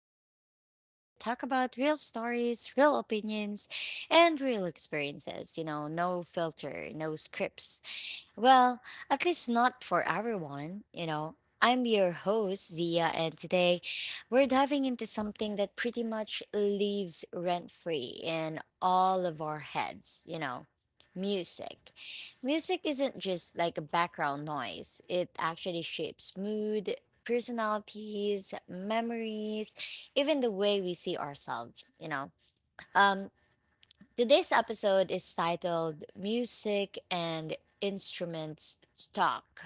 the podcast where we talk about real stories, real opinions, and real experiences. You know, no filter, no scripts. Well, at least not for everyone, you know. I'm your host, Zia, and today we're diving into something that pretty much leaves rent free in all of our heads, you know. Music. Music isn't just like a background noise, it actually shapes mood, personalities, memories, even the way we see ourselves, you know. Um, Today's episode is titled Music and Instruments Talk.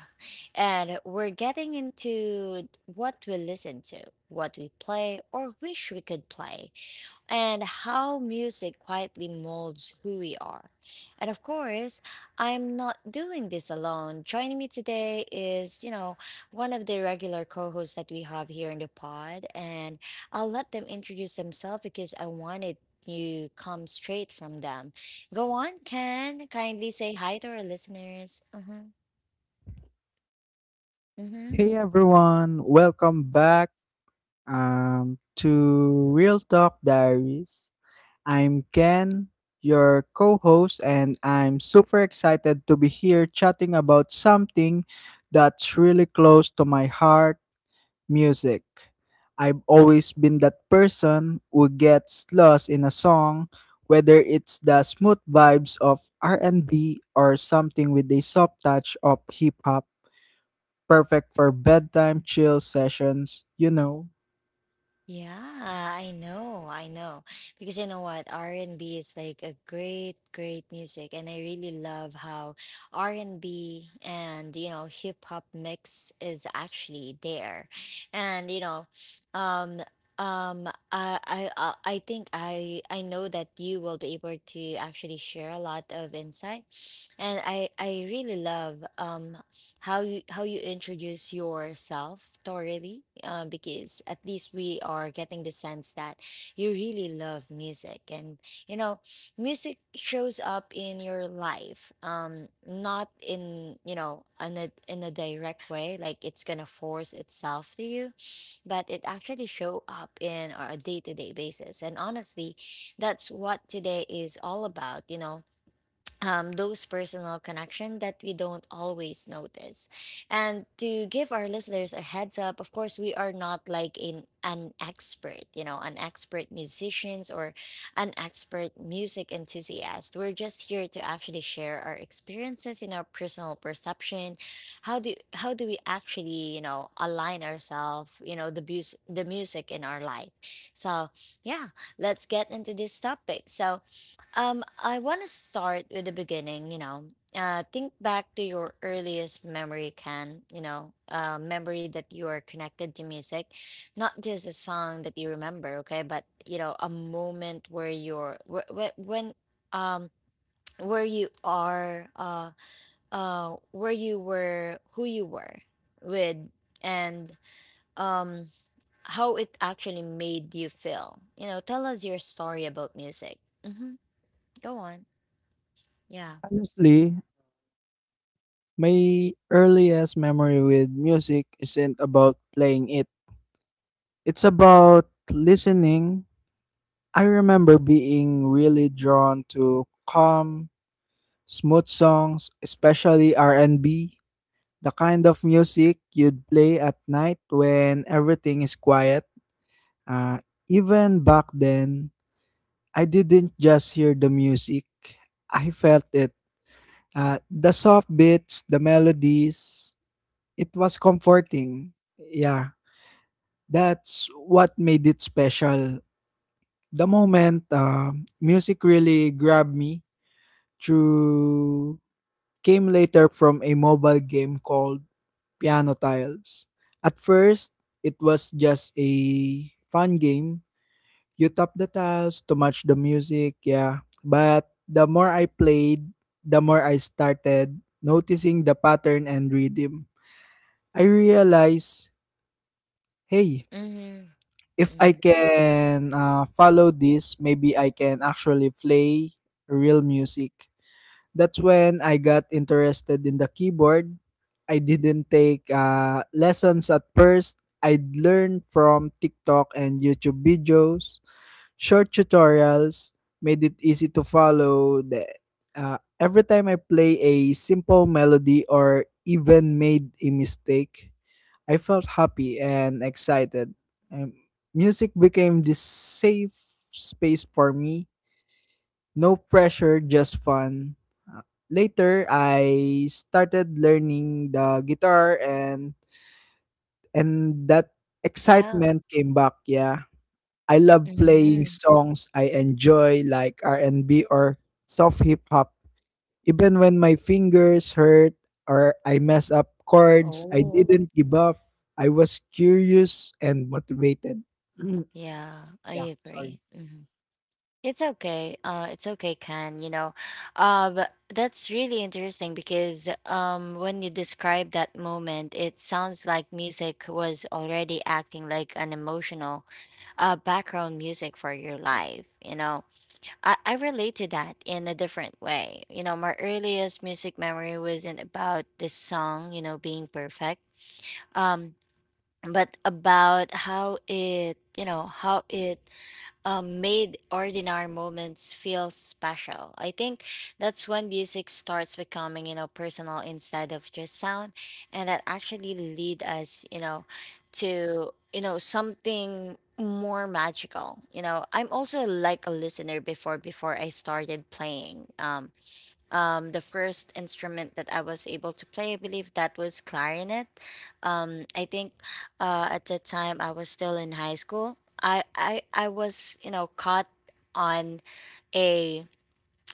And we're getting into what we listen to, what we play, or wish we could play, and how music quietly molds who we are. And of course, I'm not doing this alone. Joining me today is, you know, one of the regular co hosts that we have here in the pod. And I'll let them introduce themselves because I wanted you come straight from them. Go on, Ken. Kindly say hi to our listeners. Mm-hmm. Hey everyone, welcome back to Real Talk Diaries. I'm Ken, your co host, and I'm super excited to be here chatting about something that's really close to my heart: music. I've always been that person who gets lost in a song, whether it's the smooth vibes of R&B or something with a soft touch of hip hop. Perfect for bedtime chill sessions, you know. Yeah, I know, I know. Because you know what, R&B is like a great music, and I really love how R&B and B and you know hip hop mix is actually there, and you know, um, I think I know that you will be able to actually share a lot of insight, and I really love how you introduce yourself thoroughly, because at least we are getting the sense that you really love music, and you know music shows up in your life, not in you know in a direct way like it's gonna force itself to you, but it actually show up in our day-to-day basis. And honestly that's what today is all about, you know. Those personal connection that we don't always notice. And to give our listeners a heads up, of course, we are not like in an expert, you know, an expert musicians or an expert music enthusiast. We're just here to actually share our experiences in our personal perception. How do we actually, you know, align ourselves, you know, the music in our life. So yeah, let's get into this topic. So I want to start with the beginning, you know. Think back to your earliest memory you can, you know, memory that you are connected to music, not just a song that you remember, okay, but you know, a moment where you're when um where you are where you were, who you were with, and um how it actually made you feel. You know, tell us your story about music. Mm-hmm. Go on. Yeah. Honestly, my earliest memory with music isn't about playing it. It's about listening. I remember being really drawn to calm, smooth songs, especially R&B, the kind of music you'd play at night when everything is quiet. Uh, Even back then, I didn't just hear the music, I felt it. The soft beats, the melodies, it was comforting. Yeah, that's what made it special. The moment music really grabbed me through came later from a mobile game called Piano Tiles. At first, it was just a fun game. You tap the tiles to match the music, yeah. But the more I played, the more I started noticing the pattern and rhythm. I realize, hey, Mhm. if I Mhm. can follow this, maybe I can actually play real music. That's when I got interested in the keyboard. I didn't take lessons at first. I learned from TikTok and YouTube videos; short tutorials made it easy to follow. Every time I play a simple melody or even made a mistake, I felt happy and excited. Um, Music became this safe space for me. No pressure, just fun. Uh, Later, I started learning the guitar, and that Yeah. excitement came back, yeah. I love playing Mhm. songs I enjoy like R&B or soft hip hop. Even when my fingers hurt or I mess up chords, I Oh. didn't give up. I was curious and motivated. Mm, Yeah, yeah, I sorry. agree. Mhm. It's okay. It's okay, Ken, you know. But that's really interesting because when you describe that moment, it sounds like music was already acting like an emotional background music for your life, you know. I relate to that in a different way. You know, my earliest music memory wasn't about the song, you know, being perfect. um but about how it, you know, how it, made ordinary moments feel special. I think that's when music starts becoming, you know, personal instead of just sound. And that actually lead us, you know, to you know something more magical, you know. I'm also like a listener, before I started playing, the first instrument that I was able to play, I believe that was clarinet. I think, at the time I was still in high school. I was you know caught on a,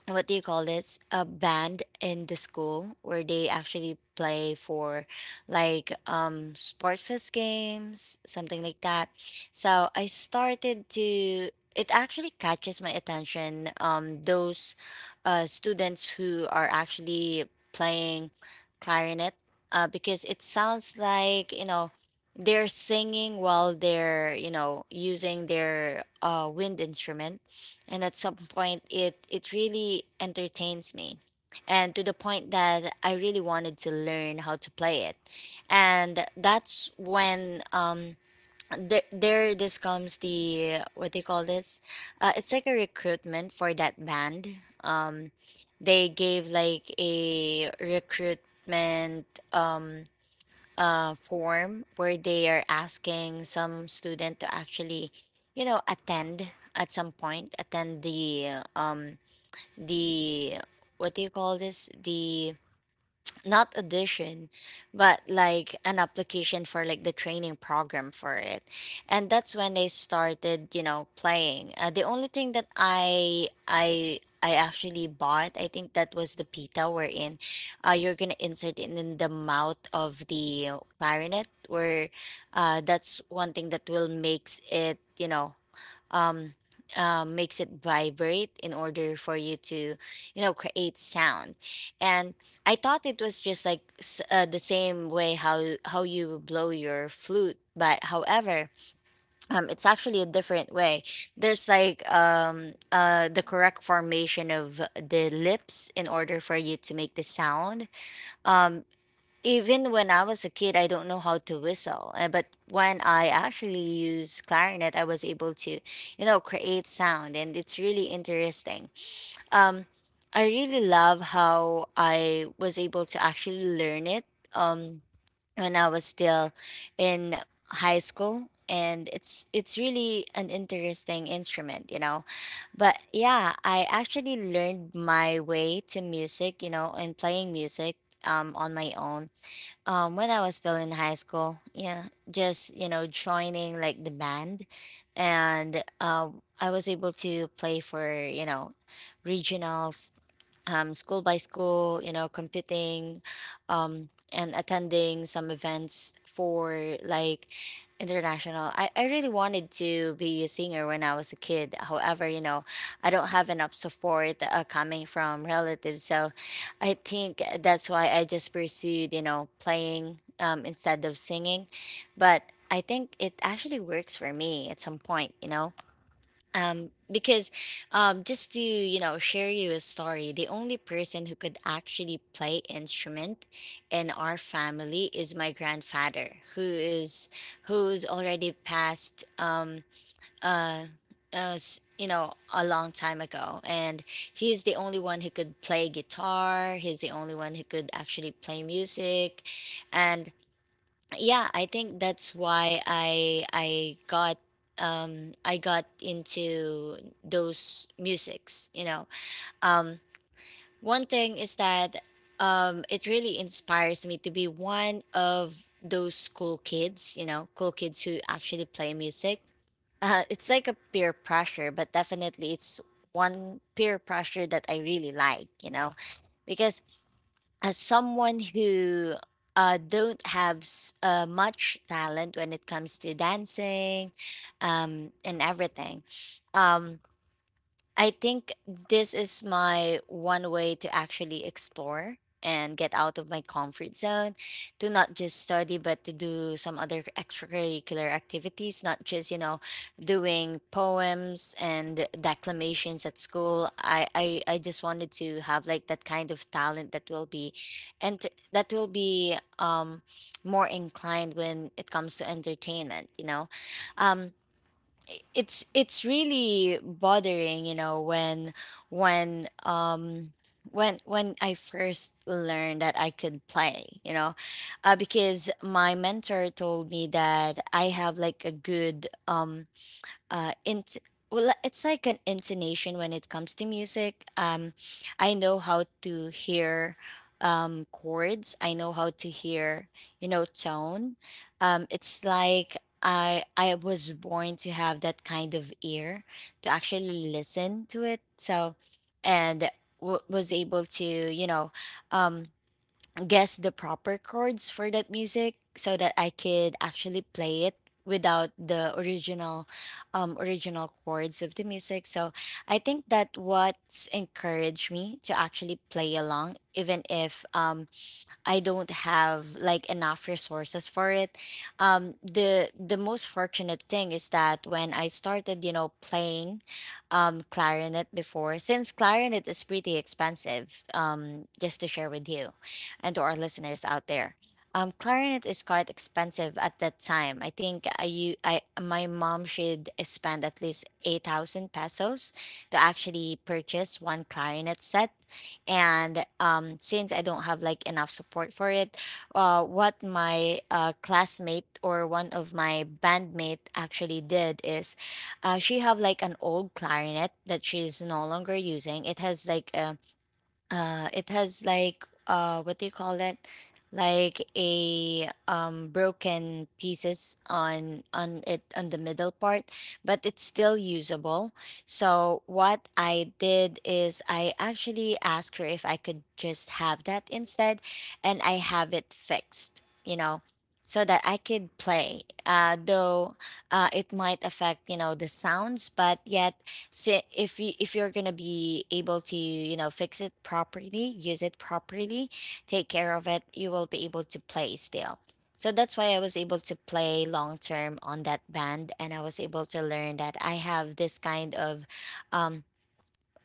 what do you call this, a band in the school where they actually play for like sport fest games, something like that. So I started to, it actually catches my attention, those students who are actually playing clarinet, because it sounds like you know they're singing while they're you know using their wind instrument. And at some point it really entertains me, and to the point that I really wanted to learn how to play it. And that's when th- there this comes the, what they call this, it's like a recruitment for that band. um they gave like a recruitment, um form where they are asking some student to actually, you know, attend at some point, attend the the what do you call this? The, not audition, but like an application for like the training program for it. And that's when they started you know playing, the only thing that I actually bought, I think that was the pita, wherein you're gonna insert it in the mouth of the clarinet, where that's one thing that will makes it you know, um, makes it vibrate in order for you to, you know, create sound. And I thought it was just like the same way how you blow your flute, but however, it's actually a different way. There's like the correct formation of the lips in order for you to make the sound. Um, Even when I was a kid, I don't know how to whistle. But when I actually use clarinet, I was able to, you know, create sound, and it's really interesting. Um, I really love how I was able to actually learn it, um, when I was still in high school, and it's really an interesting instrument, you know. But yeah, I actually learned my way to music, you know, and playing music, on my own, when I was still in high school. Yeah, just you know joining like the band, and I was able to play for you know regionals, school by school, you know, competing, and attending some events for like international. I really wanted to be a singer when I was a kid. However, you know, I don't have enough support, coming from relatives. So I think that's why I just pursued, you know, playing, instead of singing. But I think it actually works for me at some point, you know. Because, just to you know share you a story, the only person who could actually play instrument in our family is my grandfather, who is who's already passed uh, you know a long time ago, and he's the only one who could play guitar. He's the only one who could actually play music, and yeah I think that's why I got I got into those musics, you know. um One thing is that it really inspires me to be one of those cool kids, you know, cool kids who actually play music. It's like a peer pressure, but definitely it's one peer pressure that I really like, you know. Because as someone who, don't have much talent when it comes to dancing, and everything. Um, I think this is my one way to actually explore and get out of my comfort zone, to not just study but to do some other extracurricular activities, not just you know doing poems and declamations at school. I just wanted to have like that kind of talent that will be, and that will be, more inclined when it comes to entertainment, you know. um it's really bothering you know when when um when I first learned that I could play, you know, because my mentor told me that I have like a good int well it's like an intonation when it comes to music. I know how to hear chords. I know how to hear you know tone. It's like I was born to have that kind of ear to actually listen to it. So, and was able to, you know, um guess the proper chords for that music so that I could actually play it without the original chords of the music. So I think that what's encouraged me to actually play along, even if I don't have like enough resources for it. The most fortunate thing is that when I started, you know, playing, clarinet before, since clarinet is pretty expensive, just to share with you and to our listeners out there. Clarinet is quite expensive at that time. I think I my mom should spend at least 8,000 pesos to actually purchase one clarinet set, and since I don't have like enough support for it, what my classmate or one of my bandmate actually did is, she have like an old clarinet that she's no longer using. It has like a it has like what do you call it like a broken pieces on it on the middle part, but it's still usable. So what I did is I actually asked her if I could just have that instead, and I have it fixed, you know, so that I could play. Though It might affect, you know, the sounds, but yet, so if you if you're gonna be able to, fix it properly, use it properly, take care of it, you will be able to play still. So that's why I was able to play long term on that band, and I was able to learn that I have this kind of um,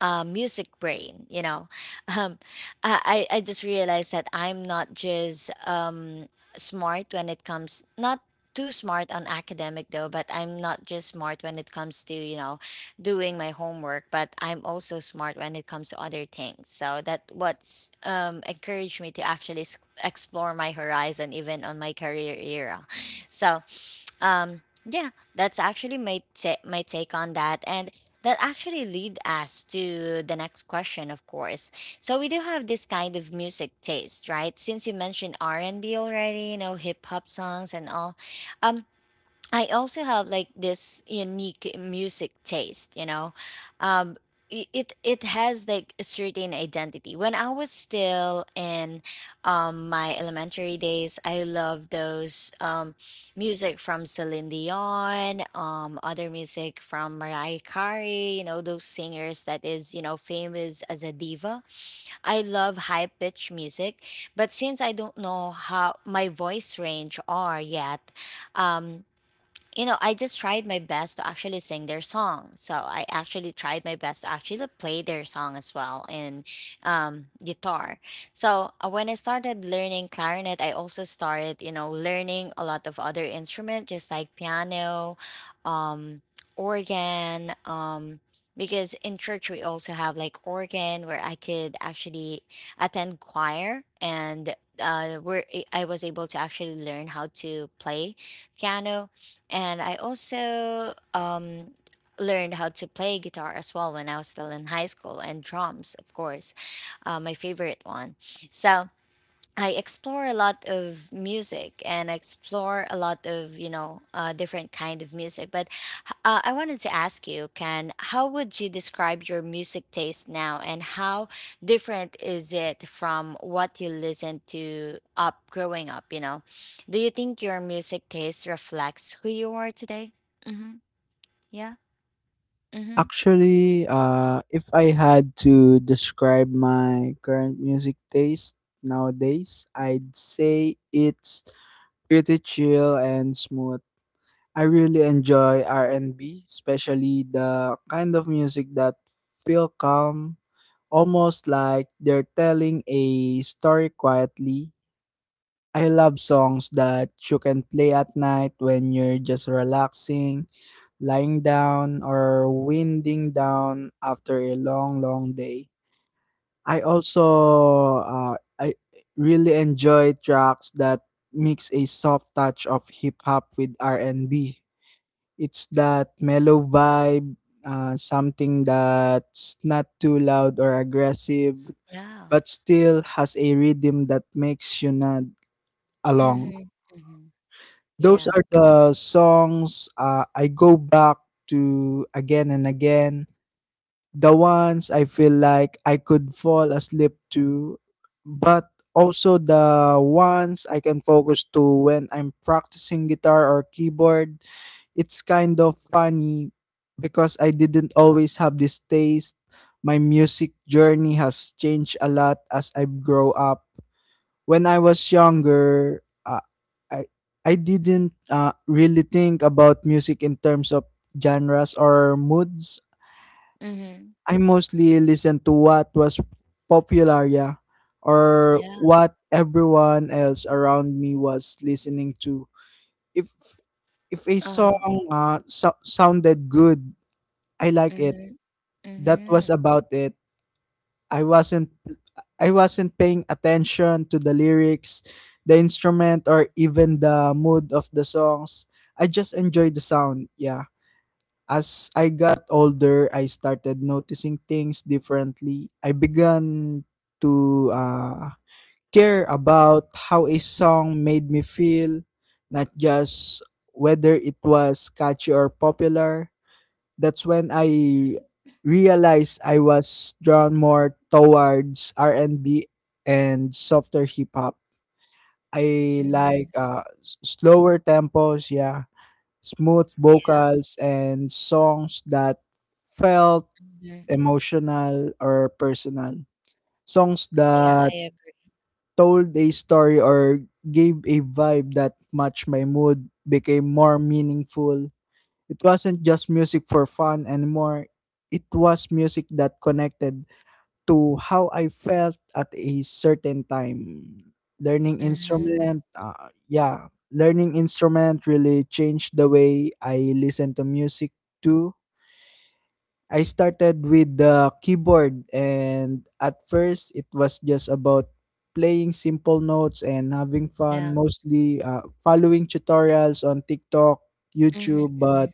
music brain. um, I just realized that I'm not just smart when it comes, not too smart on academic though, but I'm not just smart when it comes to, doing my homework, but I'm also smart when it comes to other things. So that what's encouraged me to actually explore my horizon even on my career era. So um, yeah, that's actually my take on that, and that actually lead us to the next question, of course. So we do have this kind of music taste, right? Since you mentioned R and B already, you know, hip hop songs and all. Um, I also have like this unique music taste, you know. Um it it has like a certain identity. When I was still in my elementary days, I loved those music from Celine Dion, other music from Mariah Carey, you know, those singers that is, you know, famous as a diva. I love high pitch music, but since I don't know how my voice range are yet, um you know, I just tried my best to actually sing their song. So I actually tried my best to actually play their song as well in guitar. So when I started learning clarinet, I also started, you know, learning a lot of other instruments, just like piano, um, organ, because in church we also have like organ where I could actually attend choir, and where I was able to actually learn how to play piano. And I also learned how to play guitar as well when I was still in high school, and drums, of course, my favorite one. So I explore a lot of music and I explore a lot of, you know, different kind of music. But I wanted to ask you, Ken, how would you describe your music taste now, and how different is it from what you listened to up growing up? You know, do you think your music taste reflects who you are today? Mm-hmm. Yeah. Mm-hmm. Actually, if I had to describe my current music taste nowadays, I'd say it's pretty chill and smooth. I really enjoy R&B, especially the kind of music that feel calm, almost like they're telling a story quietly. I love songs that you can play at night when you're just relaxing, lying down, or winding down after a long, long day. I also I really enjoy tracks that mix a soft touch of hip hop with R&B. It's that mellow vibe, something that's not too loud or aggressive Yeah. but still has a rhythm that makes you nod along. Mm-hmm. Mm-hmm. Those Yeah. are the songs I go back to again and again. The ones I feel like I could fall asleep to, but also the ones I can focus to when I'm practicing guitar or keyboard. It's kind of funny because I didn't always have this taste. My music journey has changed a lot as I've grown up. When I was younger, I I didn't really think about music in terms of genres or moods. Mm-hmm. I mostly listened to what was popular, yeah, or Yeah. what everyone else around me was listening to. If if a Uh-huh. song sounded good, I like it. Mm-hmm. That was Mm-hmm. about it. I wasn't I wasn't paying attention to the lyrics, the instrument, or even the mood of the songs. I just enjoyed the sound. Yeah. As I got older, I started noticing things differently. I began to care about how a song made me feel, not just whether it was catchy or popular. That's when I realized I was drawn more towards R&B and B and softer hip hop. I Mm-hmm. like slower tempos, yeah, smooth Yeah. vocals and songs that felt Mm-hmm. emotional or personal. Songs Yeah, that I agree. told a story or gave a vibe that matched my mood became more meaningful. It wasn't just music for fun anymore. It was music that connected to how I felt at a certain time. Learning Mm-hmm. instrument, learning instrument really changed the way I listen to music too. I started with the keyboard, and at first it was just about playing simple notes and having fun, Yeah. mostly following tutorials on TikTok, Mm-hmm. YouTube, Mm-hmm. but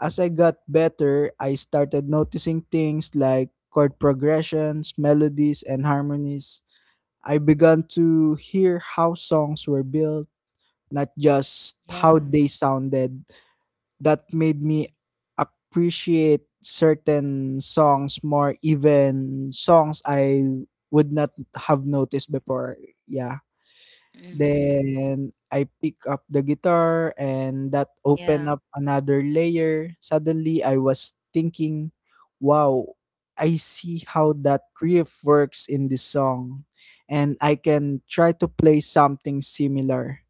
as I got better, I started noticing things like chord progressions, melodies, and harmonies. I began to hear how songs were built, not just Yeah. how they sounded. That made me appreciate certain songs more, even songs I would not have noticed before. Yeah. Mm-hmm. Then I pick up the guitar, and that opened Yeah. up another layer. Suddenly I was thinking, wow, I see how that riff works in this song, and I can try to play something similar.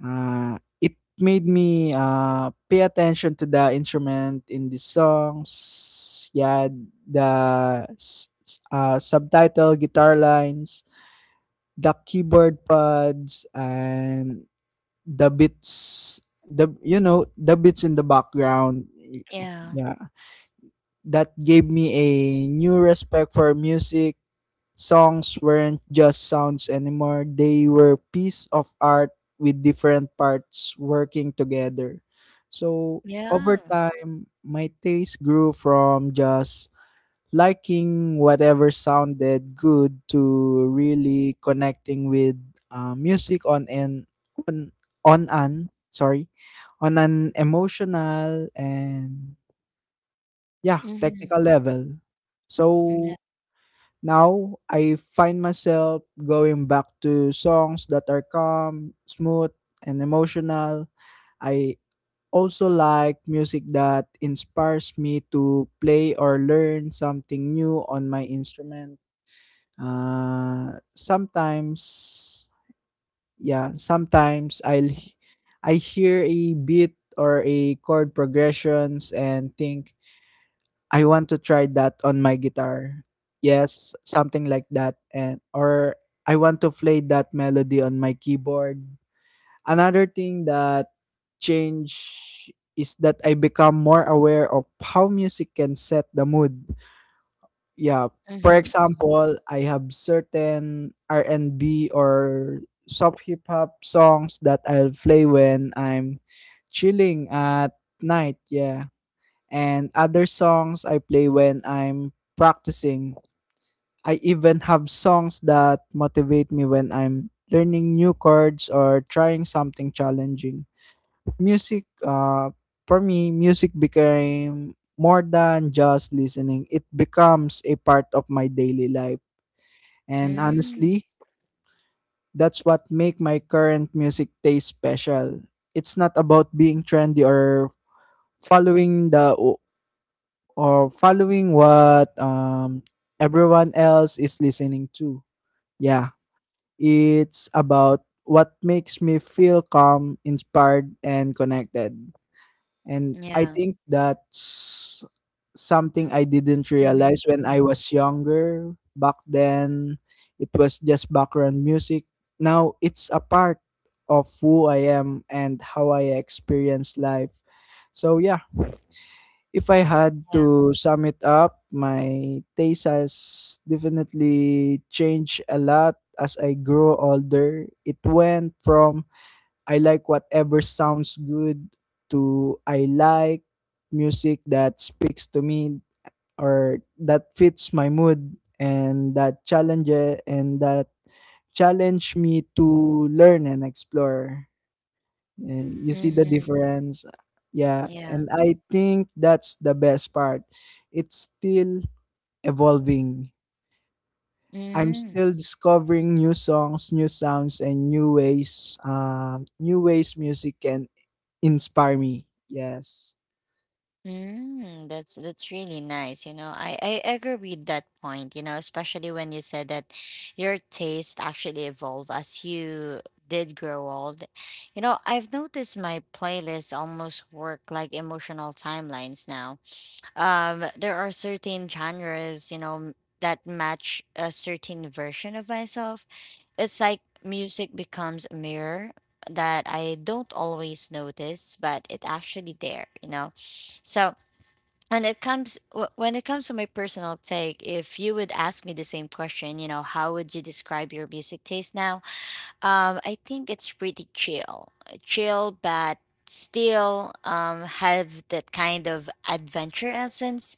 It made me pay attention to the instrument in the songs. Yeah, the subtitle, guitar lines, the keyboard pads, and the beats, the you know, the beats in the background, Yeah. yeah. That gave me a new respect for music. Songs weren't just sounds anymore, they were piece of art with different parts working together. So over Yeah. time my taste grew from just liking whatever sounded good to really connecting with music on, on an sorry on an emotional and, yeah, Mhm. technical level. Yeah. So now I find myself going back to songs that are calm, smooth and emotional. I also like music that inspires me to play or learn something new on my instrument. uh, sometimes, yeah, Sometimes I hear a beat or a chord progressions and think I want to try that on my guitar. Yes, something like that, and or I want to play that melody on my keyboard. Another thing that change is that I become more aware of how music can set the mood, yeah. For Mhm, mhm. example, I have certain R&B or soft hip hop songs that I'll play when I'm chilling at night, yeah. And other songs I play when I'm practicing. I even have songs that motivate me when I'm learning new chords or trying something challenging. Music uh for me music became more than just listening, it becomes a part of my daily life. And Mm. honestly, that's what make my current music taste special. It's not about being trendy or following the or following what everyone else is listening to, yeah. It's about what makes me feel calm, inspired and connected. And I Yeah. think that's something I didn't Mhm, realize when I mhm. was younger. Back then, it was just background music. Now it's a part of who I am and how I experience life. So, yeah, if I had Yeah. to sum it up, my taste has definitely changed a lot as I grew older. It went from I like whatever sounds good to I like music that speaks to me, or that fits my mood, and that and that challenge me to learn and explore. And you see the Mhm. difference. Yeah, Yeah. and I think that's the best part. It's still evolving. I'm Mm. still discovering new songs, new sounds, and new ways. New ways music can inspire me. Yes. Mm, that's really nice, you know. I agree with that point, you know, especially when you said that your taste actually evolved as you did grow old. You know, I've noticed my playlists almost work like emotional timelines now. There are certain genres that match a certain version of myself. It's like music becomes a mirror that I don't always notice, but it actually there, you know. So when it comes when it comes to my personal take, if you would ask me the same question, you know, how would you describe your music taste now? I think it's pretty chill, but still have that kind of adventure essence.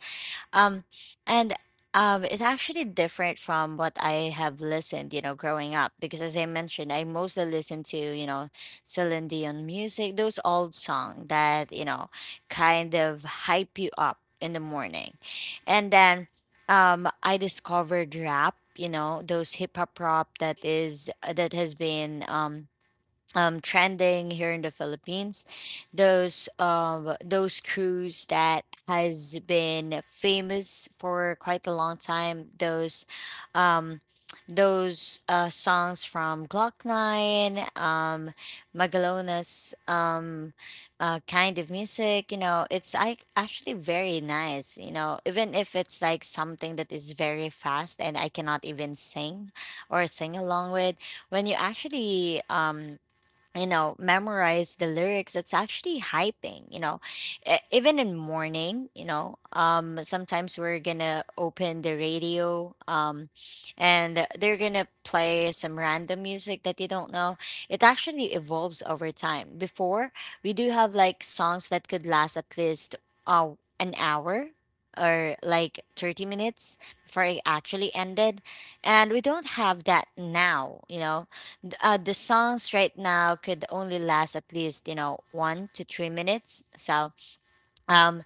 Um, and It's actually different from what I have listened, you know, growing up. Because as I mentioned, I mostly listen to, you know, Celine Dion music, those old songs that, you know, kind of hype you up in the morning. And then I discovered rap, you know, those hip hop rap that is, that has been trending here in the Philippines. Those crews that has been famous for quite a long time. Um, those songs from Glock Nine, Magalona's kind of music. You know, it's like actually very nice. You know, even if it's like something that is very fast and I cannot even sing or sing along with when you actually you know memorize the lyrics, it's actually hyping, you know. Even in morning, you know, sometimes we're gonna open the radio, and they're gonna play some random music that you don't know. It actually evolves over time. Before, we do have like songs that could last at least uh, an hour or like 30 minutes before it actually ended, and we don't have that now, you know. The songs right now could only last at least, you know, 1 to 3 minutes. So um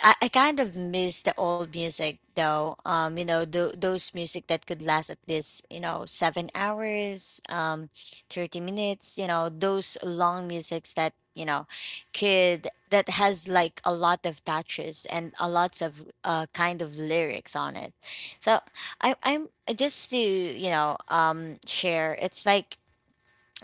I kind of miss the old music though. You know, those music that could last at least, you know, 7 hours, 30 minutes, you know, those long musics that, you know, could that has like a lot of touches and a lots of kind of lyrics on it. So I'm just to, you know, share. It's like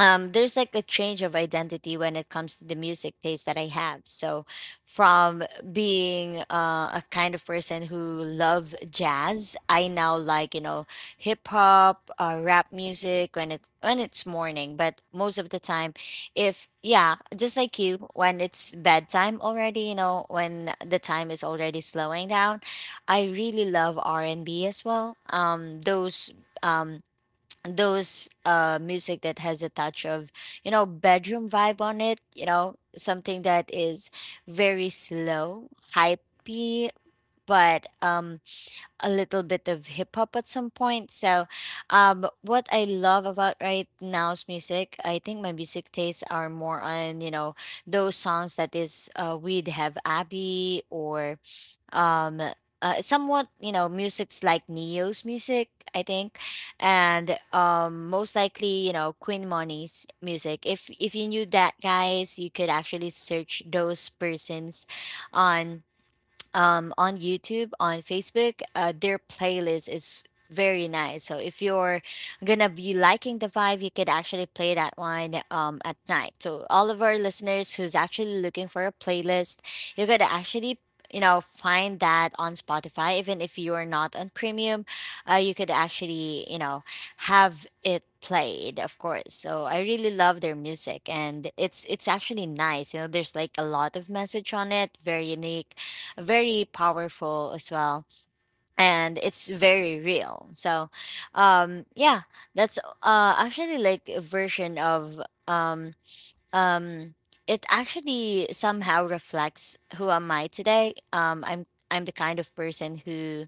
there's like a change of identity when it comes to the music taste that I have. So from being a kind of person who love jazz, I now like, you know, hip hop, rap music when it's morning. But most of the time, if yeah, just like you, when it's bedtime already, you know, when the time is already slowing down, I really love R and B as well. Um, those music that has a touch of, you know, bedroom vibe on it, you know, something that is very slow, hypey, but a little bit of hip hop at some point. So what I love about right now's music, I think my music tastes are more on, you know, those songs that is we'd have abby or um somewhat, you know, music's like neo's music, I think. And most likely, you know, queen money's music. If you knew that, guys, you could actually search those persons on on YouTube, on Facebook. Their playlist is very nice. So if you're gonna be liking the vibe, you could actually play that one at night. So all of our listeners who's actually looking for a playlist, you could actually, you know, find that on Spotify. Even if you are not on premium, you could actually, you know, have it played, of course. So I really love their music, and it's actually nice, you know. There's like a lot of message on it, very unique, very powerful as well, and it's very real. So yeah, that's actually like a version of um um it actually somehow reflects who am I today. I'm the kind of person who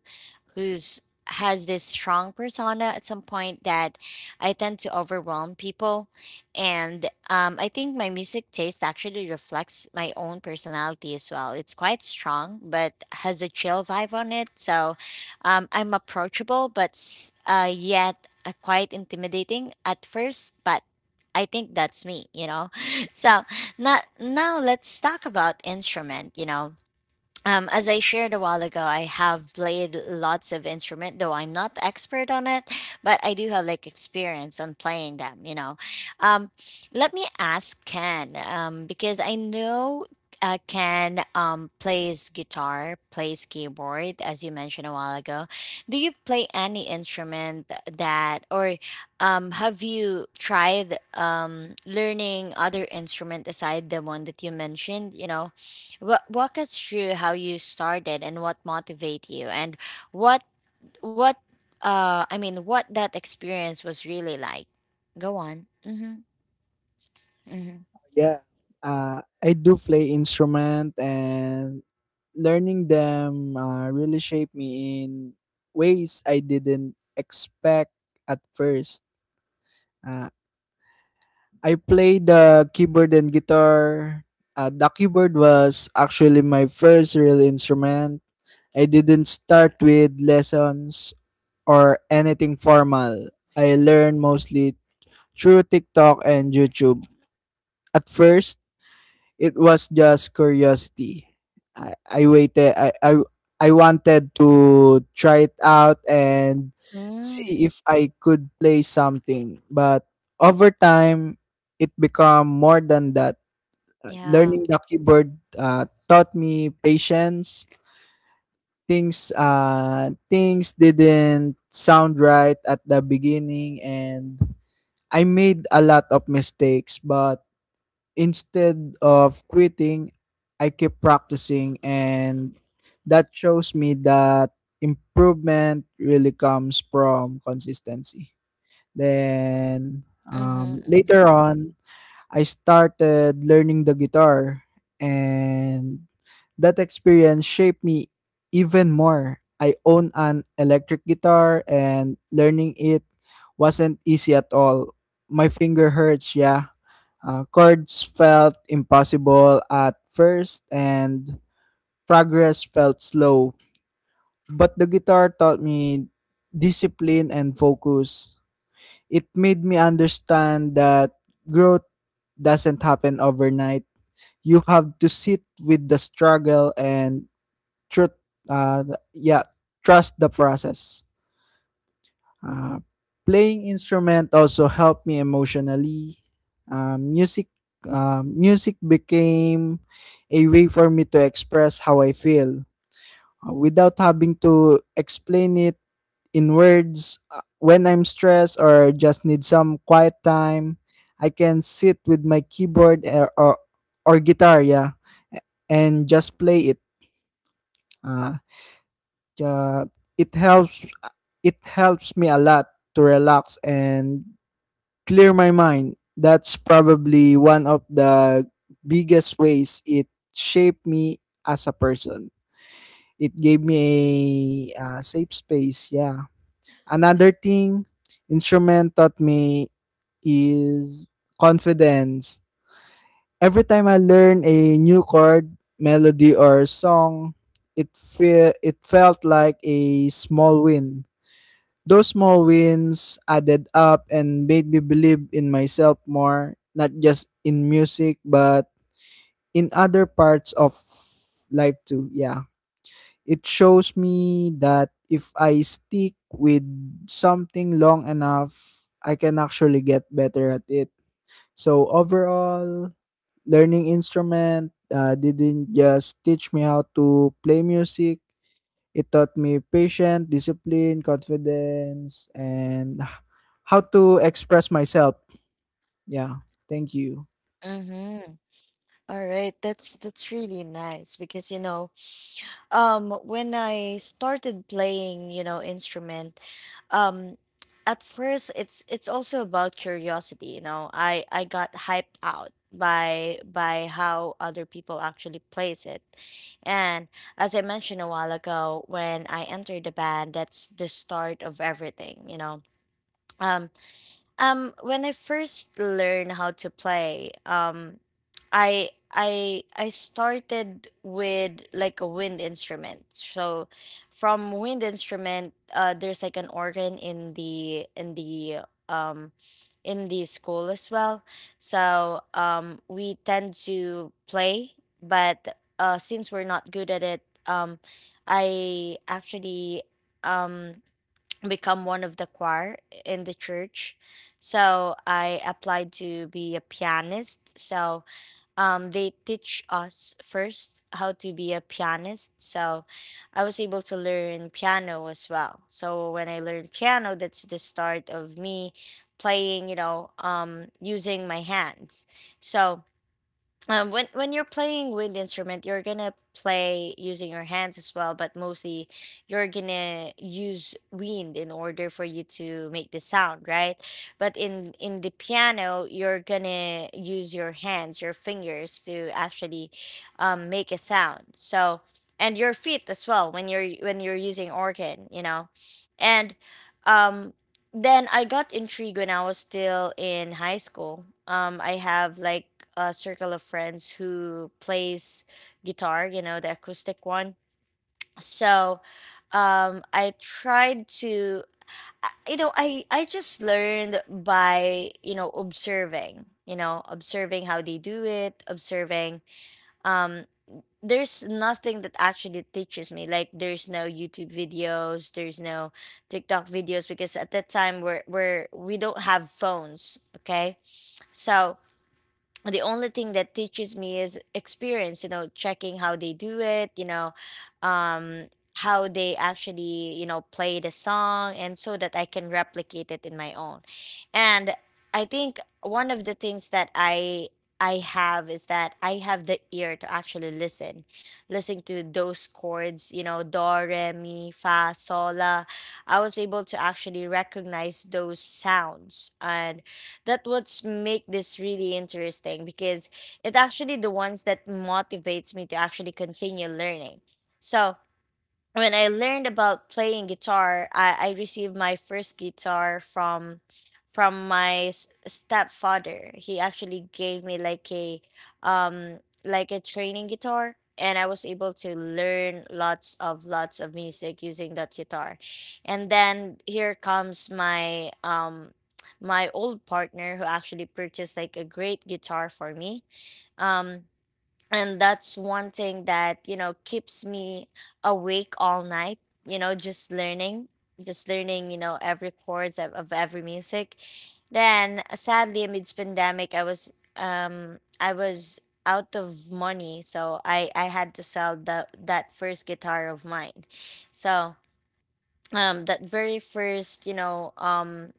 who's has this strong persona at some point that I tend to overwhelm people. And I think my music taste actually reflects my own personality as well. It's quite strong but has a chill vibe on it. So I'm approachable, but s- yet quite intimidating at first, but I think that's me, you know. So now let's talk about instrument, you know. As I shared a while ago, I have played lots of instrument, though I'm not expert on it, but I do have like experience on playing them. You know, um, let me ask Ken, because I know Ken, plays guitar, plays keyboard, as you mentioned a while ago. Do you play any instrument that, or have you tried learning other instrument aside the one that you mentioned? You know, Wa walk us through how you started and what motivated you, and what what I mean what that experience was really like. Go on. Mhm. Mhm. Yeah. I do play instrument, and learning them really shaped me in ways I didn't expect at first. Uh, I play the keyboard and guitar. The keyboard was actually my first real instrument. I didn't start with lessons or anything formal. I learned mostly through TikTok and YouTube. At first, it was just curiosity. I waited I wanted to try it out and see Mm. if I could play something. But over time, it became more than that. Yeah. Learning the keyboard taught me patience. Things didn't sound right at the beginning, and I made a lot of mistakes, but instead of quitting I kept practicing, and that shows me that improvement really comes from consistency. Then Mhm. later Mhm. on I started learning the guitar, and that experience shaped me even more. I own an electric guitar, and learning it wasn't easy at all. My finger hurts, yeah. Chords felt impossible at first, and progress felt slow. But the guitar taught me discipline and focus. It made me understand that growth doesn't happen overnight. You have to sit with the struggle and truth th- yeah trust the process. uh, Playing instrument also helped me emotionally. uh, music Music became a way for me to express how I feel, without having to explain it in words. When I'm stressed or just need some quiet time, I can sit with my keyboard or guitar, yeah, and just play it. Uh, uh, it helps uh, it helps me a lot to relax and clear my mind. That's probably one of the biggest ways it shaped me as a person. It gave me a safe space, yeah. Another thing instrument taught me is confidence. Every time I learn a new chord, melody or song, it felt like a small win. Those small wins added up and made me believe in myself more, not just in music but in other parts of life too. Yeah. It shows me that if I stick with something long enough, I can actually get better at it. So overall, learning instrument didn't just teach me how to play music. It taught me patience, discipline, confidence, and how to express myself. Yeah. Thank you. Mhm. All right, that's really nice because you know, when I started playing, you know, instrument, um at first it's also about curiosity, you know. I got hyped out by how other people actually plays it. And as I mentioned a while ago, when I entered the band, that's the start of everything, you know. um when I first learned how to play, I started with like a wind instrument. So from wind instrument, there's like an organ in the school as well. So we tend to play, but since we're not good at it, I actually um become one of the choir in the church. So I applied to be a pianist. So they teach us first how to be a pianist. So I was able to learn piano as well. So when I learned piano, that's the start of me playing, using my hands. So when you're playing wind instrument, you're gonna play using your hands as well, but mostly you're gonna use wind in order for you to make the sound, right? But in the piano, you're gonna use your hands, your fingers to actually make a sound. So and your feet as well when you're using organ, you know, and um then I got intrigued when I was still in high school. I have like a circle of friends who plays guitar, you know, the acoustic one. So, um, I tried to, I just learned by, you know, observing, you know, observing how they do it, observing. Um, there's nothing that actually teaches me. Like, there's no YouTube videos, there's no TikTok videos because at that time we don't have phones. Okay, so the only thing that teaches me is experience, you know, checking how they do it, you know, um how they actually, you know, play the song and so that I can replicate it in my own. And I think one of the things that I have is that I have the ear to actually listen to those chords, you know, do re mi fa sol la. I was able to actually recognize those sounds, and that what's make this really interesting because it actually the ones that motivates me to actually continue learning. So when I learned about playing guitar, I received my first guitar from my stepfather. He actually gave me like a training guitar, and I was able to learn lots of music using that guitar. And then here comes my my old partner who actually purchased like a great guitar for me. Um and that's one thing that, you know, keeps me awake all night, you know, just learning, just learning, you know, every chords of every music. Then sadly, amidst pandemic, I was, I was out of money, so I had to sell the that first guitar of mine. So that very first, you know,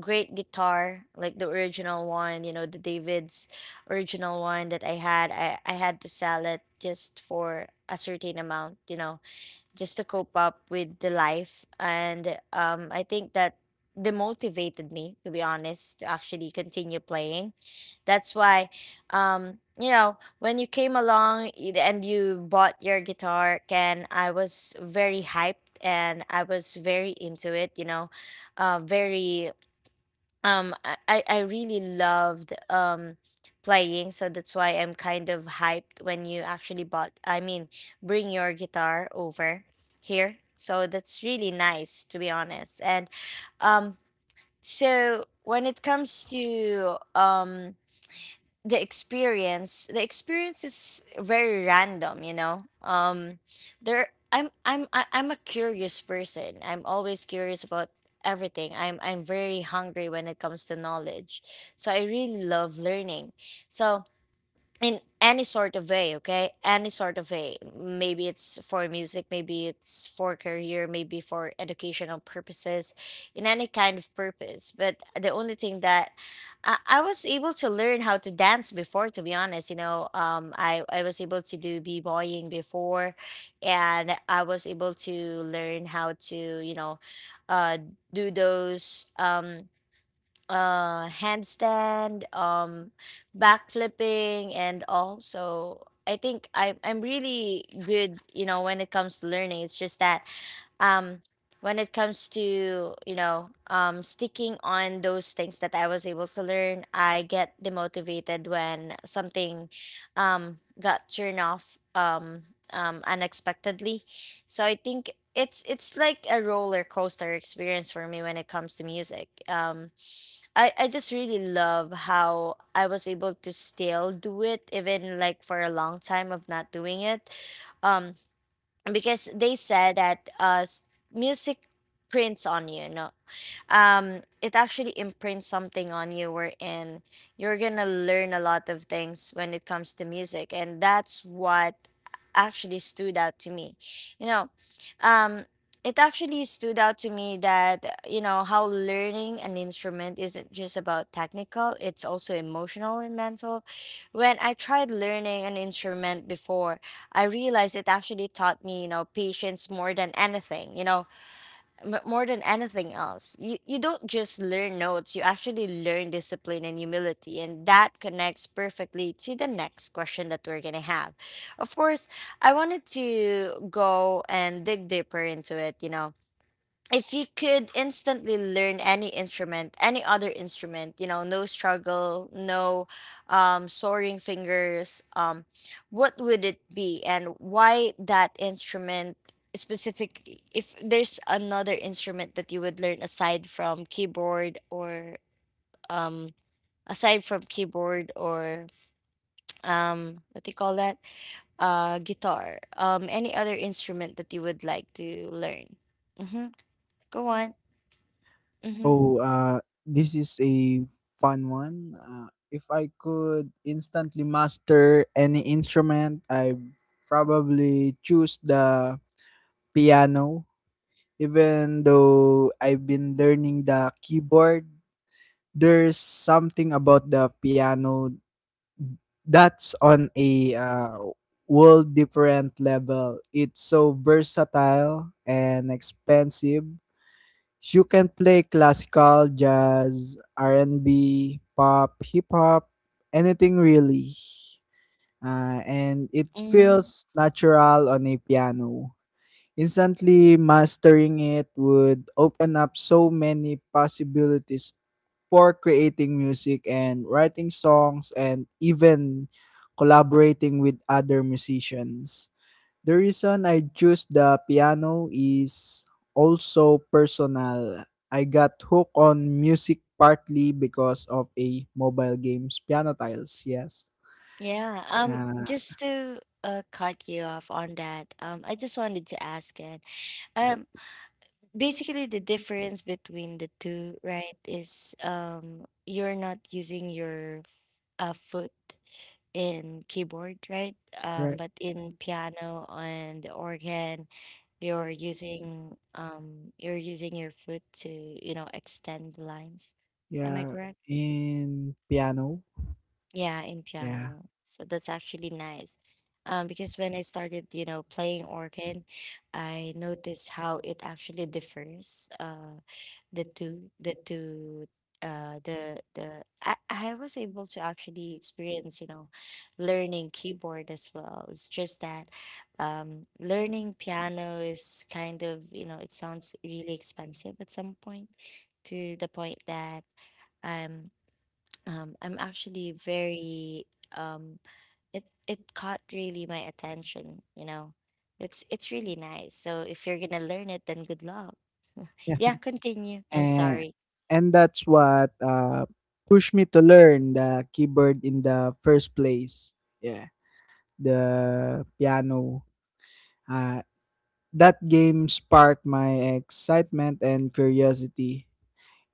great guitar, like the original one, you know, the David's original one that I had, I had to sell it just for a certain amount, you know, just to cope up with the life. And I think that demotivated me, to be honest, to actually continue playing. That's why, you know, when you came along and you bought your guitar, Ken, I was very hyped and I was very into it. You know, very. I really loved playing, so that's why I'm kind of hyped when you actually bought. I mean, bring your guitar over here. So that's really nice, to be honest. And um, so when it comes to the experience is very random, you know. There, I'm a curious person. I'm always curious about everything. I'm very hungry when it comes to knowledge, so I really love learning. So in any sort of way, okay, any sort of way, maybe it's for music, maybe it's for career, maybe for educational purposes, in any kind of purpose. But the only thing that I was able to learn how to dance before, to be honest, you know. I was able to do b-boying before, and I was able to learn how to, you know, uh, do those handstand, backflipping and all. So I think, I'm really good, you know, when it comes to learning. It's just that um when it comes to, you know, sticking on those things that I was able to learn, I get demotivated when something got turned off, unexpectedly. So I think it's like a roller coaster experience for me when it comes to music. I just really love how I was able to still do it, even like for a long time of not doing it. um because they said that music prints on you, you know. It actually imprints something on you wherein you're gonna learn a lot of things when it comes to music, and that's what actually stood out to me. You know, um, it actually stood out to me that, you know, how learning an instrument isn't just about technical; it's also emotional and mental. When I tried learning an instrument before, I realized it actually taught me, you know, patience more than anything. You know, more than anything else, you don't just learn notes. You actually learn discipline and humility, and that connects perfectly to the next question that we're going to have. Of course, I wanted to go and dig deeper into it. You know, if you could instantly learn any instrument, any other instrument, you know, no struggle, no soaring fingers, what would it be and why that instrument specifically? If there's another instrument that you would learn aside from keyboard or um, aside from keyboard or what do you call that? Guitar, any other instrument that you would like to learn? Mm-hmm. Go on. Mm-hmm. Oh, uh, this is a fun one. If I could instantly master any instrument, I probably choose the piano. Even though I've been learning the keyboard, there's something about the piano that's on a world different level. It's so versatile and expensive, you can play classical, jazz, R&B, pop, hip hop, anything really. And it Mhm. feels natural on a piano. Instantly mastering it would open up so many possibilities for creating music and writing songs and even collaborating with other musicians. The reason I choose the piano is also personal. I got hooked on music partly because of a mobile game's piano tiles. Yes. Yeah. Uh, Just to cut you off on that, I just wanted to ask it. uh, Um, Basically, the difference between the two, right, is you're not using your foot in keyboard, right? Right. But in piano and organ, you're using, you're using your foot to, you know, extend the lines. Am I Yeah. correct? In piano. Yeah, in Yeah. piano. So that's actually nice. Because when I started, you know, playing organ, I noticed how it actually differs. The two, the I was able to actually experience, you know, learning keyboard as well. It's just that, learning piano is kind of, you know, it sounds really expensive at some point, to the point that. um, I'm actually very um it caught really my attention, you know. It's really nice. So if you're gonna learn it, then good luck. Yeah. Yeah, continue. I'm And sorry. That's what pushed me to learn the keyboard in the first place. Yeah. The piano. Uh That game sparked my excitement and curiosity.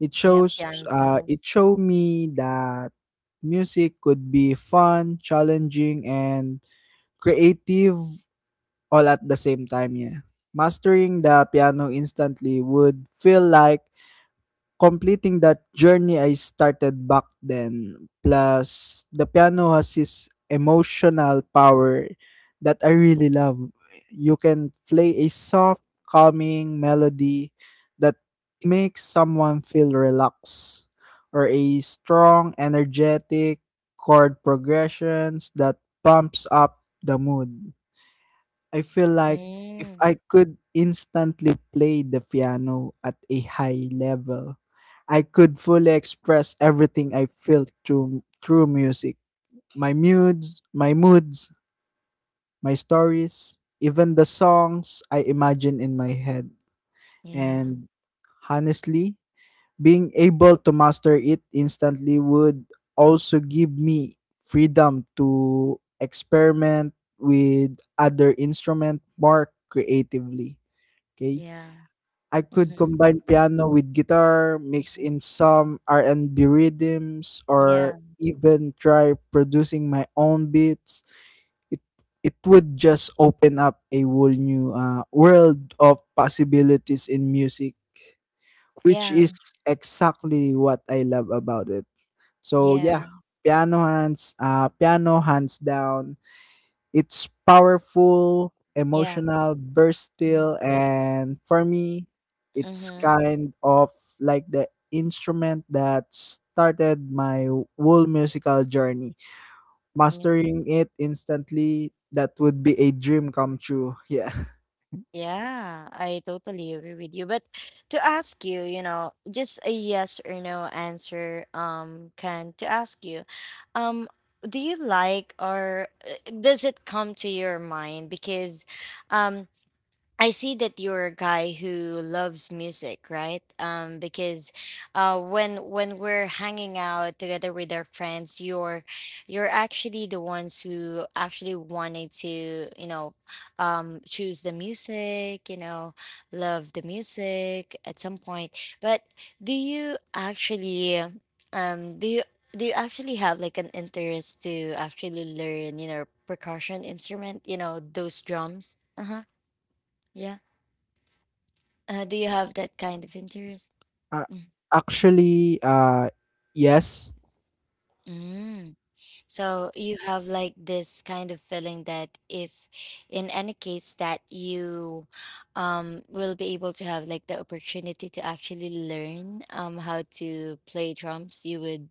It Yeah, shows uh, it plantas. showed me that music could be fun, challenging and creative all at the same time, yeah. Mastering the piano instantly would feel like completing that journey I started back then. Plus, the piano has this emotional power that I really love. You can play a soft, calming melody that makes someone feel relaxed, or a strong, energetic chord progressions that pumps up the mood. I feel like if Mm, I could instantly play the piano at a high level, I could fully express everything I feel through music. My moods, my stories, even the songs I imagine in my head. yeah, And honestly, being able to master it instantly would also give me freedom to experiment with other instrument more creatively. Okay? yeah. I could Mm-hmm. combine piano with guitar, mix Mm-hmm. in some R&B rhythms, Yeah, or even try producing my own beats. It it would just open up a whole new world of possibilities in music, which yeah, is exactly what I love about it. So yeah, yeah, piano hands down. It's powerful, yeah. emotional, Mm-hmm. versatile, and for me, it's Mm-hmm. kind of like the instrument that started my whole musical journey. Yeah. Mastering it instantly, that would be a dream come true. Yeah. Yeah, I totally agree with you. But to ask you, you know, just a yes or no answer, can to ask you, um, do you like, or does it come to your mind? Because, um, I see that you're a guy who loves music, right? Because when we're hanging out together with our friends, you're actually the ones who actually wanted to, you know, choose the music, you know, love the music at some point. But do you actually, um, do you do you actually have like an interest to actually learn, you know, percussion instrument, you know, those drums? Uh huh. Yeah. Do you have that kind of interest? Uh, Mm. Actually, yes. Mm. So you have like this kind of feeling that if in any case that you will be able to have like the opportunity to actually learn how to play drums, you would,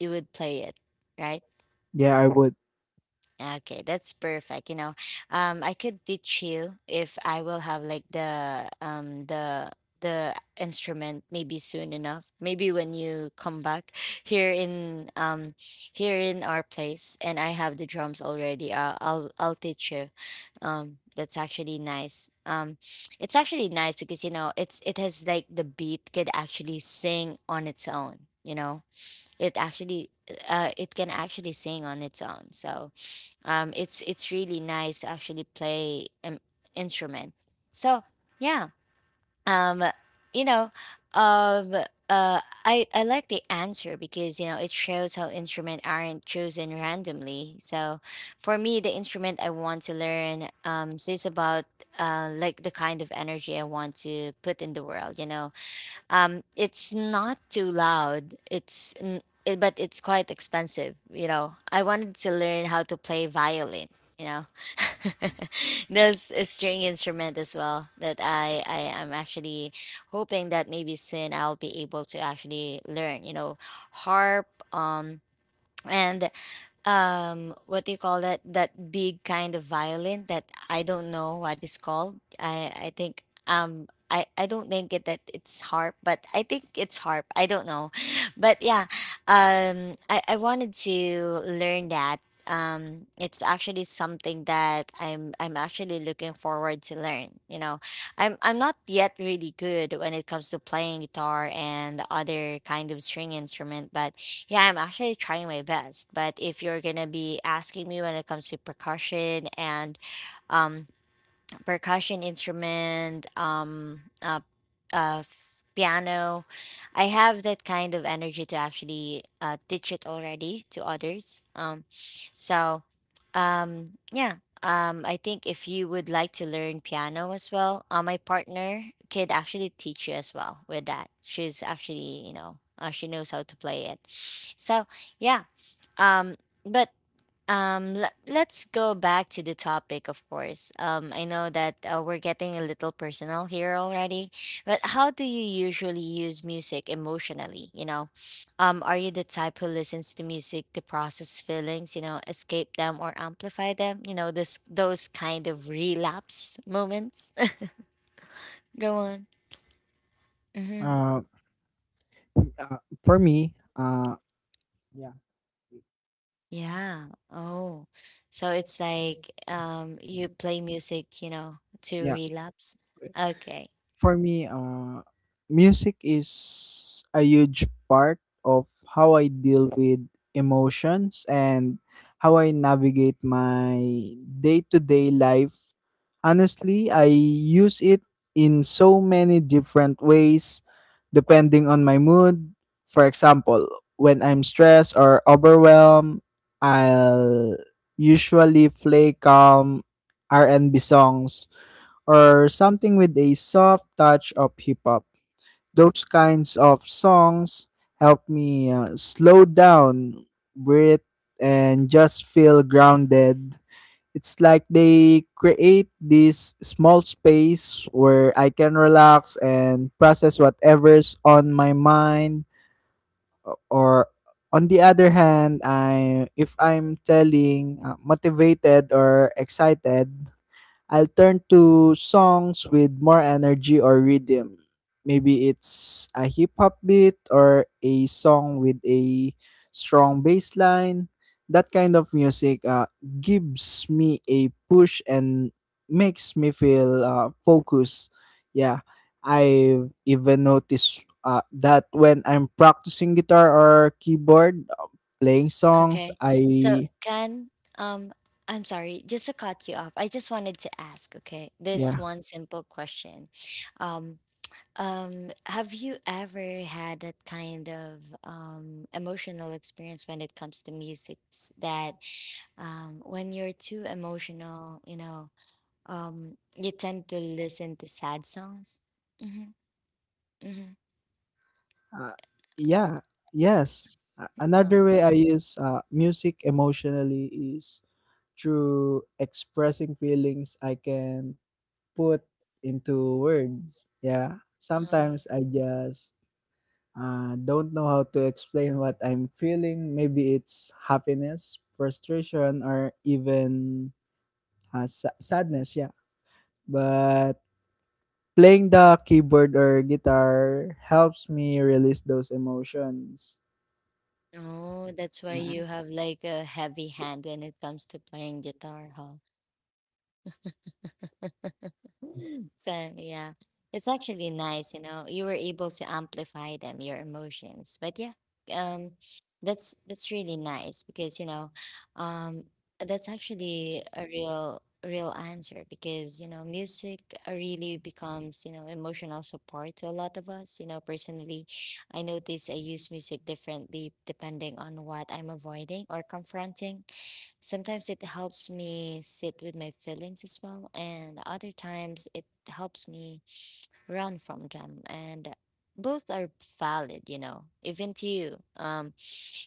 you would play it, right? Yeah, I would. Okay, that's perfect. You know, I could teach you if I will have like the the instrument maybe soon enough. Maybe when you come back here in here in our place, and I have the drums already. I'll teach you. That's actually nice. It's actually nice because, you know, it's, it has like the beat could actually sing on its own. You know, it actually it can actually sing on its own. So it's really nice to actually play an instrument. So yeah. um you know, um uh I like the answer because, you know, it shows how instruments aren't chosen randomly. So for me, the instrument I want to learn says about like the kind of energy I want to put in the world, you know. It's not too loud. It, but it's quite expensive. You know, I wanted to learn how to play violin. You know, there's a string instrument as well that I am actually hoping that maybe soon I'll be able to actually learn. You know, harp. Um, and what do you call that big kind of violin that I don't know what it's called? I think I don't think it's harp, but I think it's harp. I don't know, but yeah I wanted to learn that. It's actually something that I'm actually looking forward to learn. I'm not yet really good when it comes to playing guitar and other kind of string instrument, but yeah, I'm actually trying my best. But if you're gonna be asking me when it comes to percussion and um percussion instrument, piano. I have that kind of energy to actually teach it already to others. So, yeah. I think if you would like to learn piano as well, my partner could actually teach you as well with that. She's actually, you know, she knows how to play it. So, yeah. Um, but let's go back to the topic, of course. I know that we're getting a little personal here already, but how do you usually use music emotionally? You know, are you the type who listens to music to process feelings, you know, escape them or amplify them? You know, this those kind of relapse moments. Go on. Mm-hmm. Uh, uh, for me, yeah, Yeah. Oh, so it's like you play music, you know, to yeah. relapse. Okay. For me, music is a huge part of how I deal with emotions and how I navigate my day to day life. Honestly, I use it in so many different ways depending on my mood. For example, when I'm stressed or overwhelmed, I'll usually play calm R&B songs or something with a soft touch of hip hop. Those kinds of songs help me slow down, breathe, and just feel grounded. It's like they create this small space where I can relax and process whatever's on my mind. Or on the other hand, I if I'm telling motivated or excited, I'll turn to songs with more energy or rhythm. Maybe it's a hip hop beat or a song with a strong bass line. That kind of music gives me a push and makes me feel focused. Yeah, I even noticed that when I'm practicing guitar or keyboard, playing songs, Okay. So I, can um I'm sorry, just to cut you off. I just wanted to ask, okay, this yeah. one simple question. Um um, have you ever had that kind of emotional experience when it comes to music that, when you're too emotional, you know, you tend to listen to sad songs? Mm-hmm. Mm-hmm. Uh, yeah, yes. Another Um, way I use music emotionally is through expressing feelings I can put into words. Yeah, sometimes I just don't know how to explain what I'm feeling. Maybe it's happiness, frustration, or even sadness. Yeah, but playing the keyboard or guitar helps me release those emotions. oh, that's why Yeah. you have like a heavy hand when it comes to playing guitar, huh? Mm. So yeah, it's actually nice, you know, you were able to amplify them, your emotions. But yeah, um, that's really nice because you know, um, that's actually a real answer because you know, music really becomes you know emotional support to a lot of us. You know, personally, I notice I use music differently depending on what I'm avoiding or confronting. Sometimes it helps me sit with my feelings as well, and other times it helps me run from them. And both are valid, you know, even to you.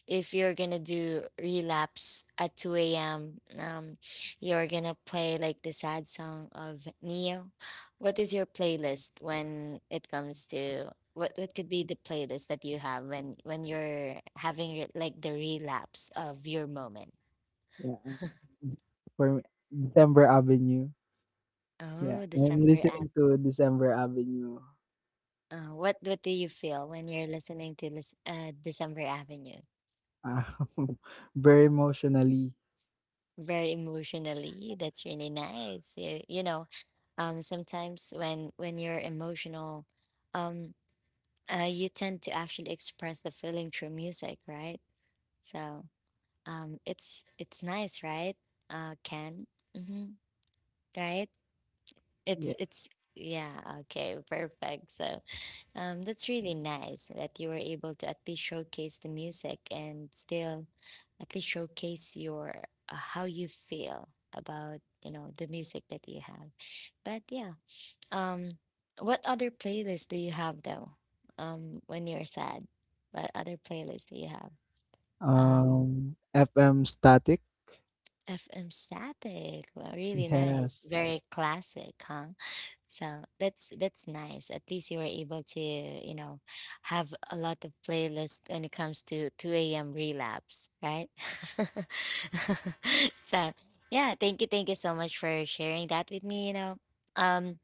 If you're gonna do relapse at 2 a.m., you're gonna play like the sad song of Neo. What is your playlist when it comes to what could be the playlist that you have when you're having your, like the relapse of your moment? Yeah, for me, December Avenue. Yeah, Oh, I'm December Avenue. listening to December Avenue, What do you feel when you're listening to this December Avenue? um, very emotionally. Very emotionally. That's really nice. You know, sometimes when you're emotional, um, you tend to actually express the feeling through music, right? So, it's nice, right? Ken, mm-hmm. Right? Yeah. It's Yeah. Okay, perfect. So. That's really nice that you were able to at least showcase the music and still at least showcase your how you feel about you know the music that you have. But yeah, um, what other playlists do you have though? When you're sad, what other playlists do you have? Um, FM Static. FM Static. Well, really nice. Yes. Very classic, huh? So that's nice. At least you were able to, you know, have a lot of playlists when it comes to 2 a.m. relapse, right? So yeah, thank you so much for sharing that with me, you know. Um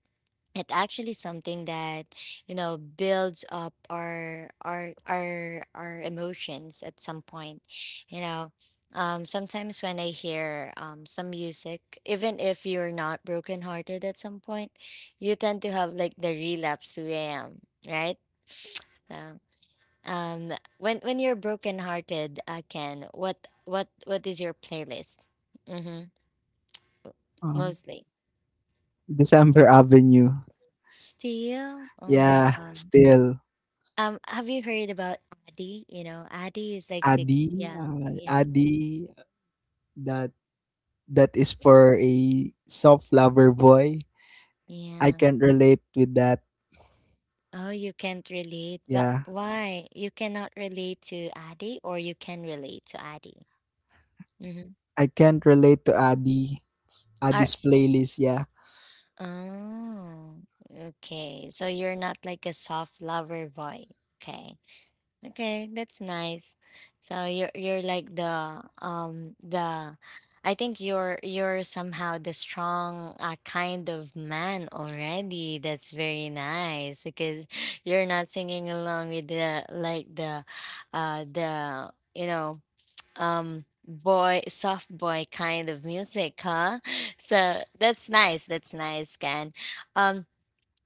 it actually something that you know builds up our emotions at some point. You know, sometimes when I hear some music, even if you're not brokenhearted at some point, you tend to have like the relapse to am, right? So, um when you're brokenhearted, Ken, what is your playlist? Mm-hmm. Um, Mostly December Avenue. still, oh my Yeah, god. still. Have you heard about Adi? You know, Adi is like the, yeah, yeah, Adi. That that is for a soft lover boy. I yeah. can relate with that. Oh, you can't relate, but Yeah, why? You cannot relate to Adi, or you can relate to Adi? Mm-hmm. I can't relate to Adi. Are Adi's playlist. Yeah. Oh, okay. So you're not like a soft lover boy. Okay. Okay, that's nice. So you're like the I think you're somehow the strong kind of man already. That's very nice because you're not singing along with the like the you know boy, soft boy kind of music, huh? So that's nice. That's nice, Ken. Um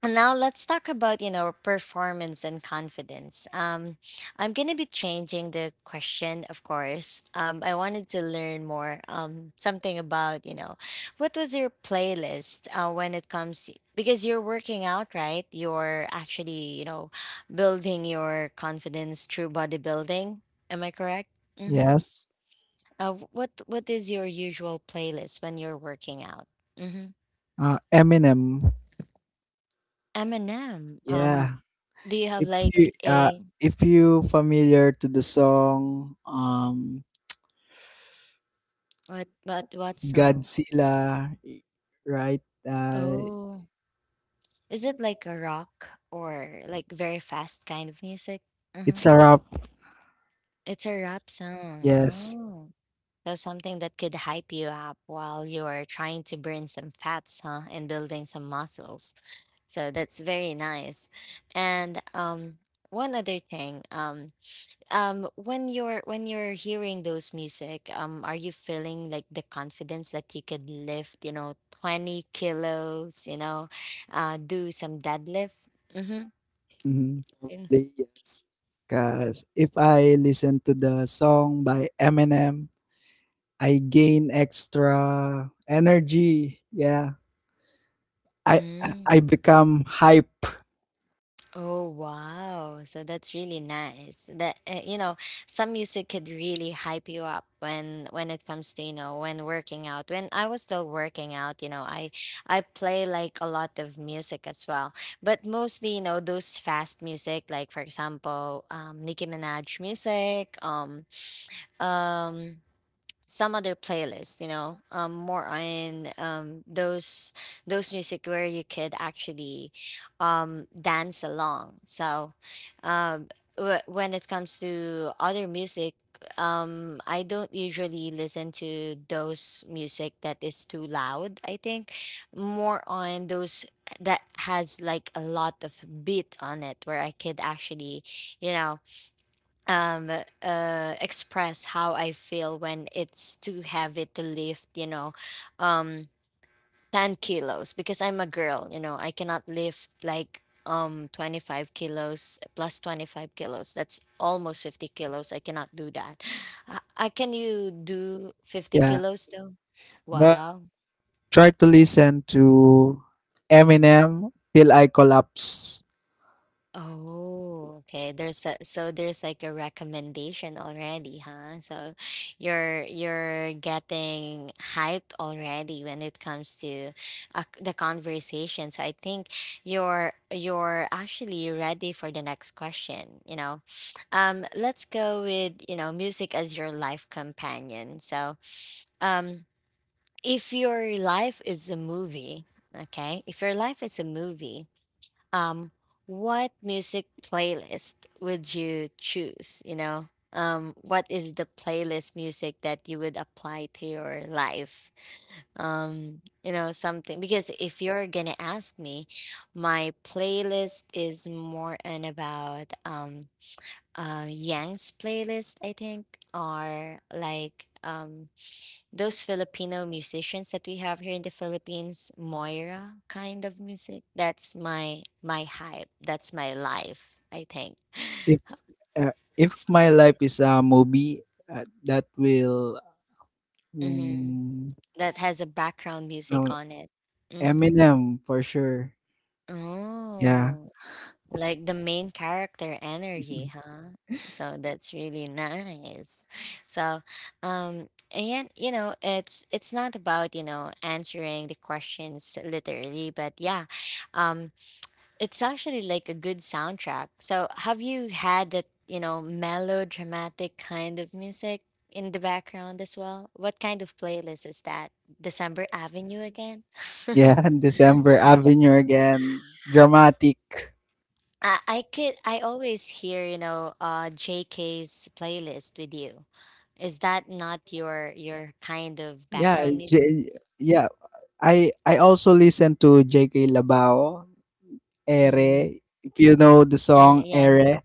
and now let's talk about, you know, performance and confidence. I'm gonna be changing the question, of course. I wanted to learn more, something about, you know, what was your playlist when it comes because you're working out, right? You're actually, you know, building your confidence through bodybuilding. Am I correct? Mm-hmm. Yes. What is your usual playlist when you're working out? Mm-hmm. Eminem. Eminem. Yeah. Do you have If like you uh, a if you familiar to the song, what song? Godzilla, right? Oh, is it like a rock or like very fast kind of music? Uh-huh. It's a rap. It's a rap song. Yes. Oh, so something that could hype you up while you're trying to burn some fats, huh, and building some muscles. So that's very nice. And one other thing, when you're hearing those music, are you feeling like the confidence that you could lift you know 20 kilos, you know, do some deadlift? Mm-hmm. Mhm. Probably yes. Cause if I listen to the song by Eminem, I gain extra energy. Yeah. I I become hype. Oh wow. So that's really nice. That you know, some music could really hype you up when it comes to, you know, when working out. When I was still working out, you know, I play like a lot of music as well. But mostly, you know, those fast music, like for example, Nicki Minaj music, um some other playlist, you know, more on those music where you could actually dance along. So, um when it comes to other music, I don't usually listen to those music that is too loud. I think more on those that has like a lot of beat on it where I could actually, you know, um express how I feel when it's too heavy to lift, you know, um 10 kilos, because I'm a girl, you know, I cannot lift like 25 kilos plus 25 kilos. That's almost 50 kilos. I cannot do that. Can you do 50 Yeah. kilos though? But Wow. try to listen to Eminem till I collapse. Oh, okay. There's a, so there's like a recommendation already, huh? So you're getting hyped already when it comes to the conversation. So I think you're actually ready for the next question, you know. Let's go with, you know, music as your life companion. So, um, if your life is a movie, okay? If your life is a movie, um what music playlist would you choose, you know, what is the playlist music that you would apply to your life, you know, something, because if you're gonna ask me, my playlist is more and about Yang's playlist, I think, or like those Filipino musicians that we have here in the Philippines, Moira kind of music. That's my hype. That's my life. I think If if my life is a movie, that will hmm, hmm, that has a background music no, on it. Hmm. Eminem for sure. Yeah. Oh, like the main character energy, huh? So that's really nice. So, and you know, it's not about you know answering the questions literally, but yeah, um, it's actually like a good soundtrack. So, have you had that, you know, melodramatic kind of music in the background as well? What kind of playlist is that? December Avenue again? Yeah, December Avenue again. Dramatic. I could, I always hear, you know, JK's playlist with you. Is that not your kind of Yeah, background music? J- yeah. I also listen to J K Labao, Mm, Ere. If you know the yeah, song yeah. Ere,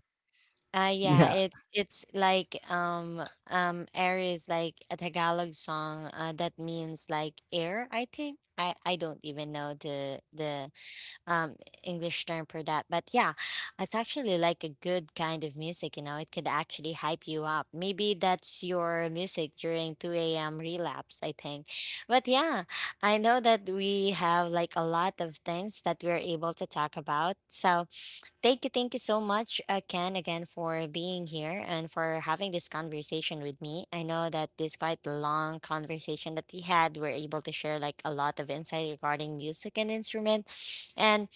Yeah, yeah. it's like air is like a Tagalog song that means like air, I think. I don't even know the um English term for that, but yeah, it's actually like a good kind of music, you know. It could actually hype you up. Maybe that's your music during 2 a.m. relapse, I think. But yeah, I know that we have like a lot of things that we're able to talk about. So thank you, so much, Ken, again for being here and for having this conversation with me. I know that this quite long conversation that we had, we're able to share like a lot of insight regarding music and instrument, and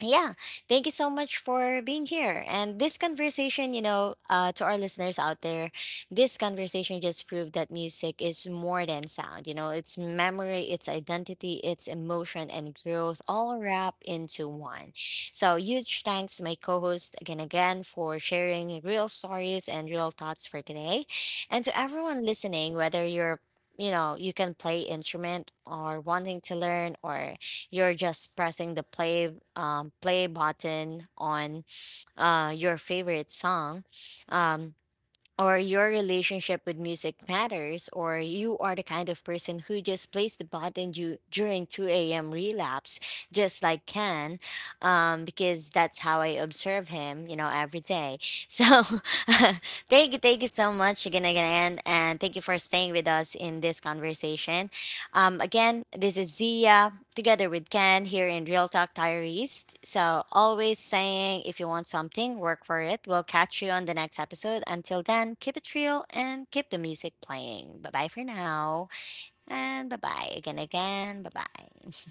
yeah, thank you so much for being here. And this conversation, you know, to our listeners out there, this conversation just proved that music is more than sound. You know, it's memory, it's identity, it's emotion, and growth all wrapped into one. So, huge thanks to my co host again, for sharing real stories and real thoughts for today. And to everyone listening, whether you're you know you can play instrument or wanting to learn, or you're just pressing the play button on your favorite song. Um, or your relationship with music matters, or you are the kind of person who just plays the button during 2 a.m. relapse, just like Ken, because that's how I observe him, you know, every day. So thank you, so much again, and thank you for staying with us in this conversation. Again, this is Zia together with Ken here in Real Talk Diaries. So, always saying if you want something, work for it. We'll catch you on the next episode. Until then, keep it real and keep the music playing. Bye bye for now. And bye bye again, Bye bye.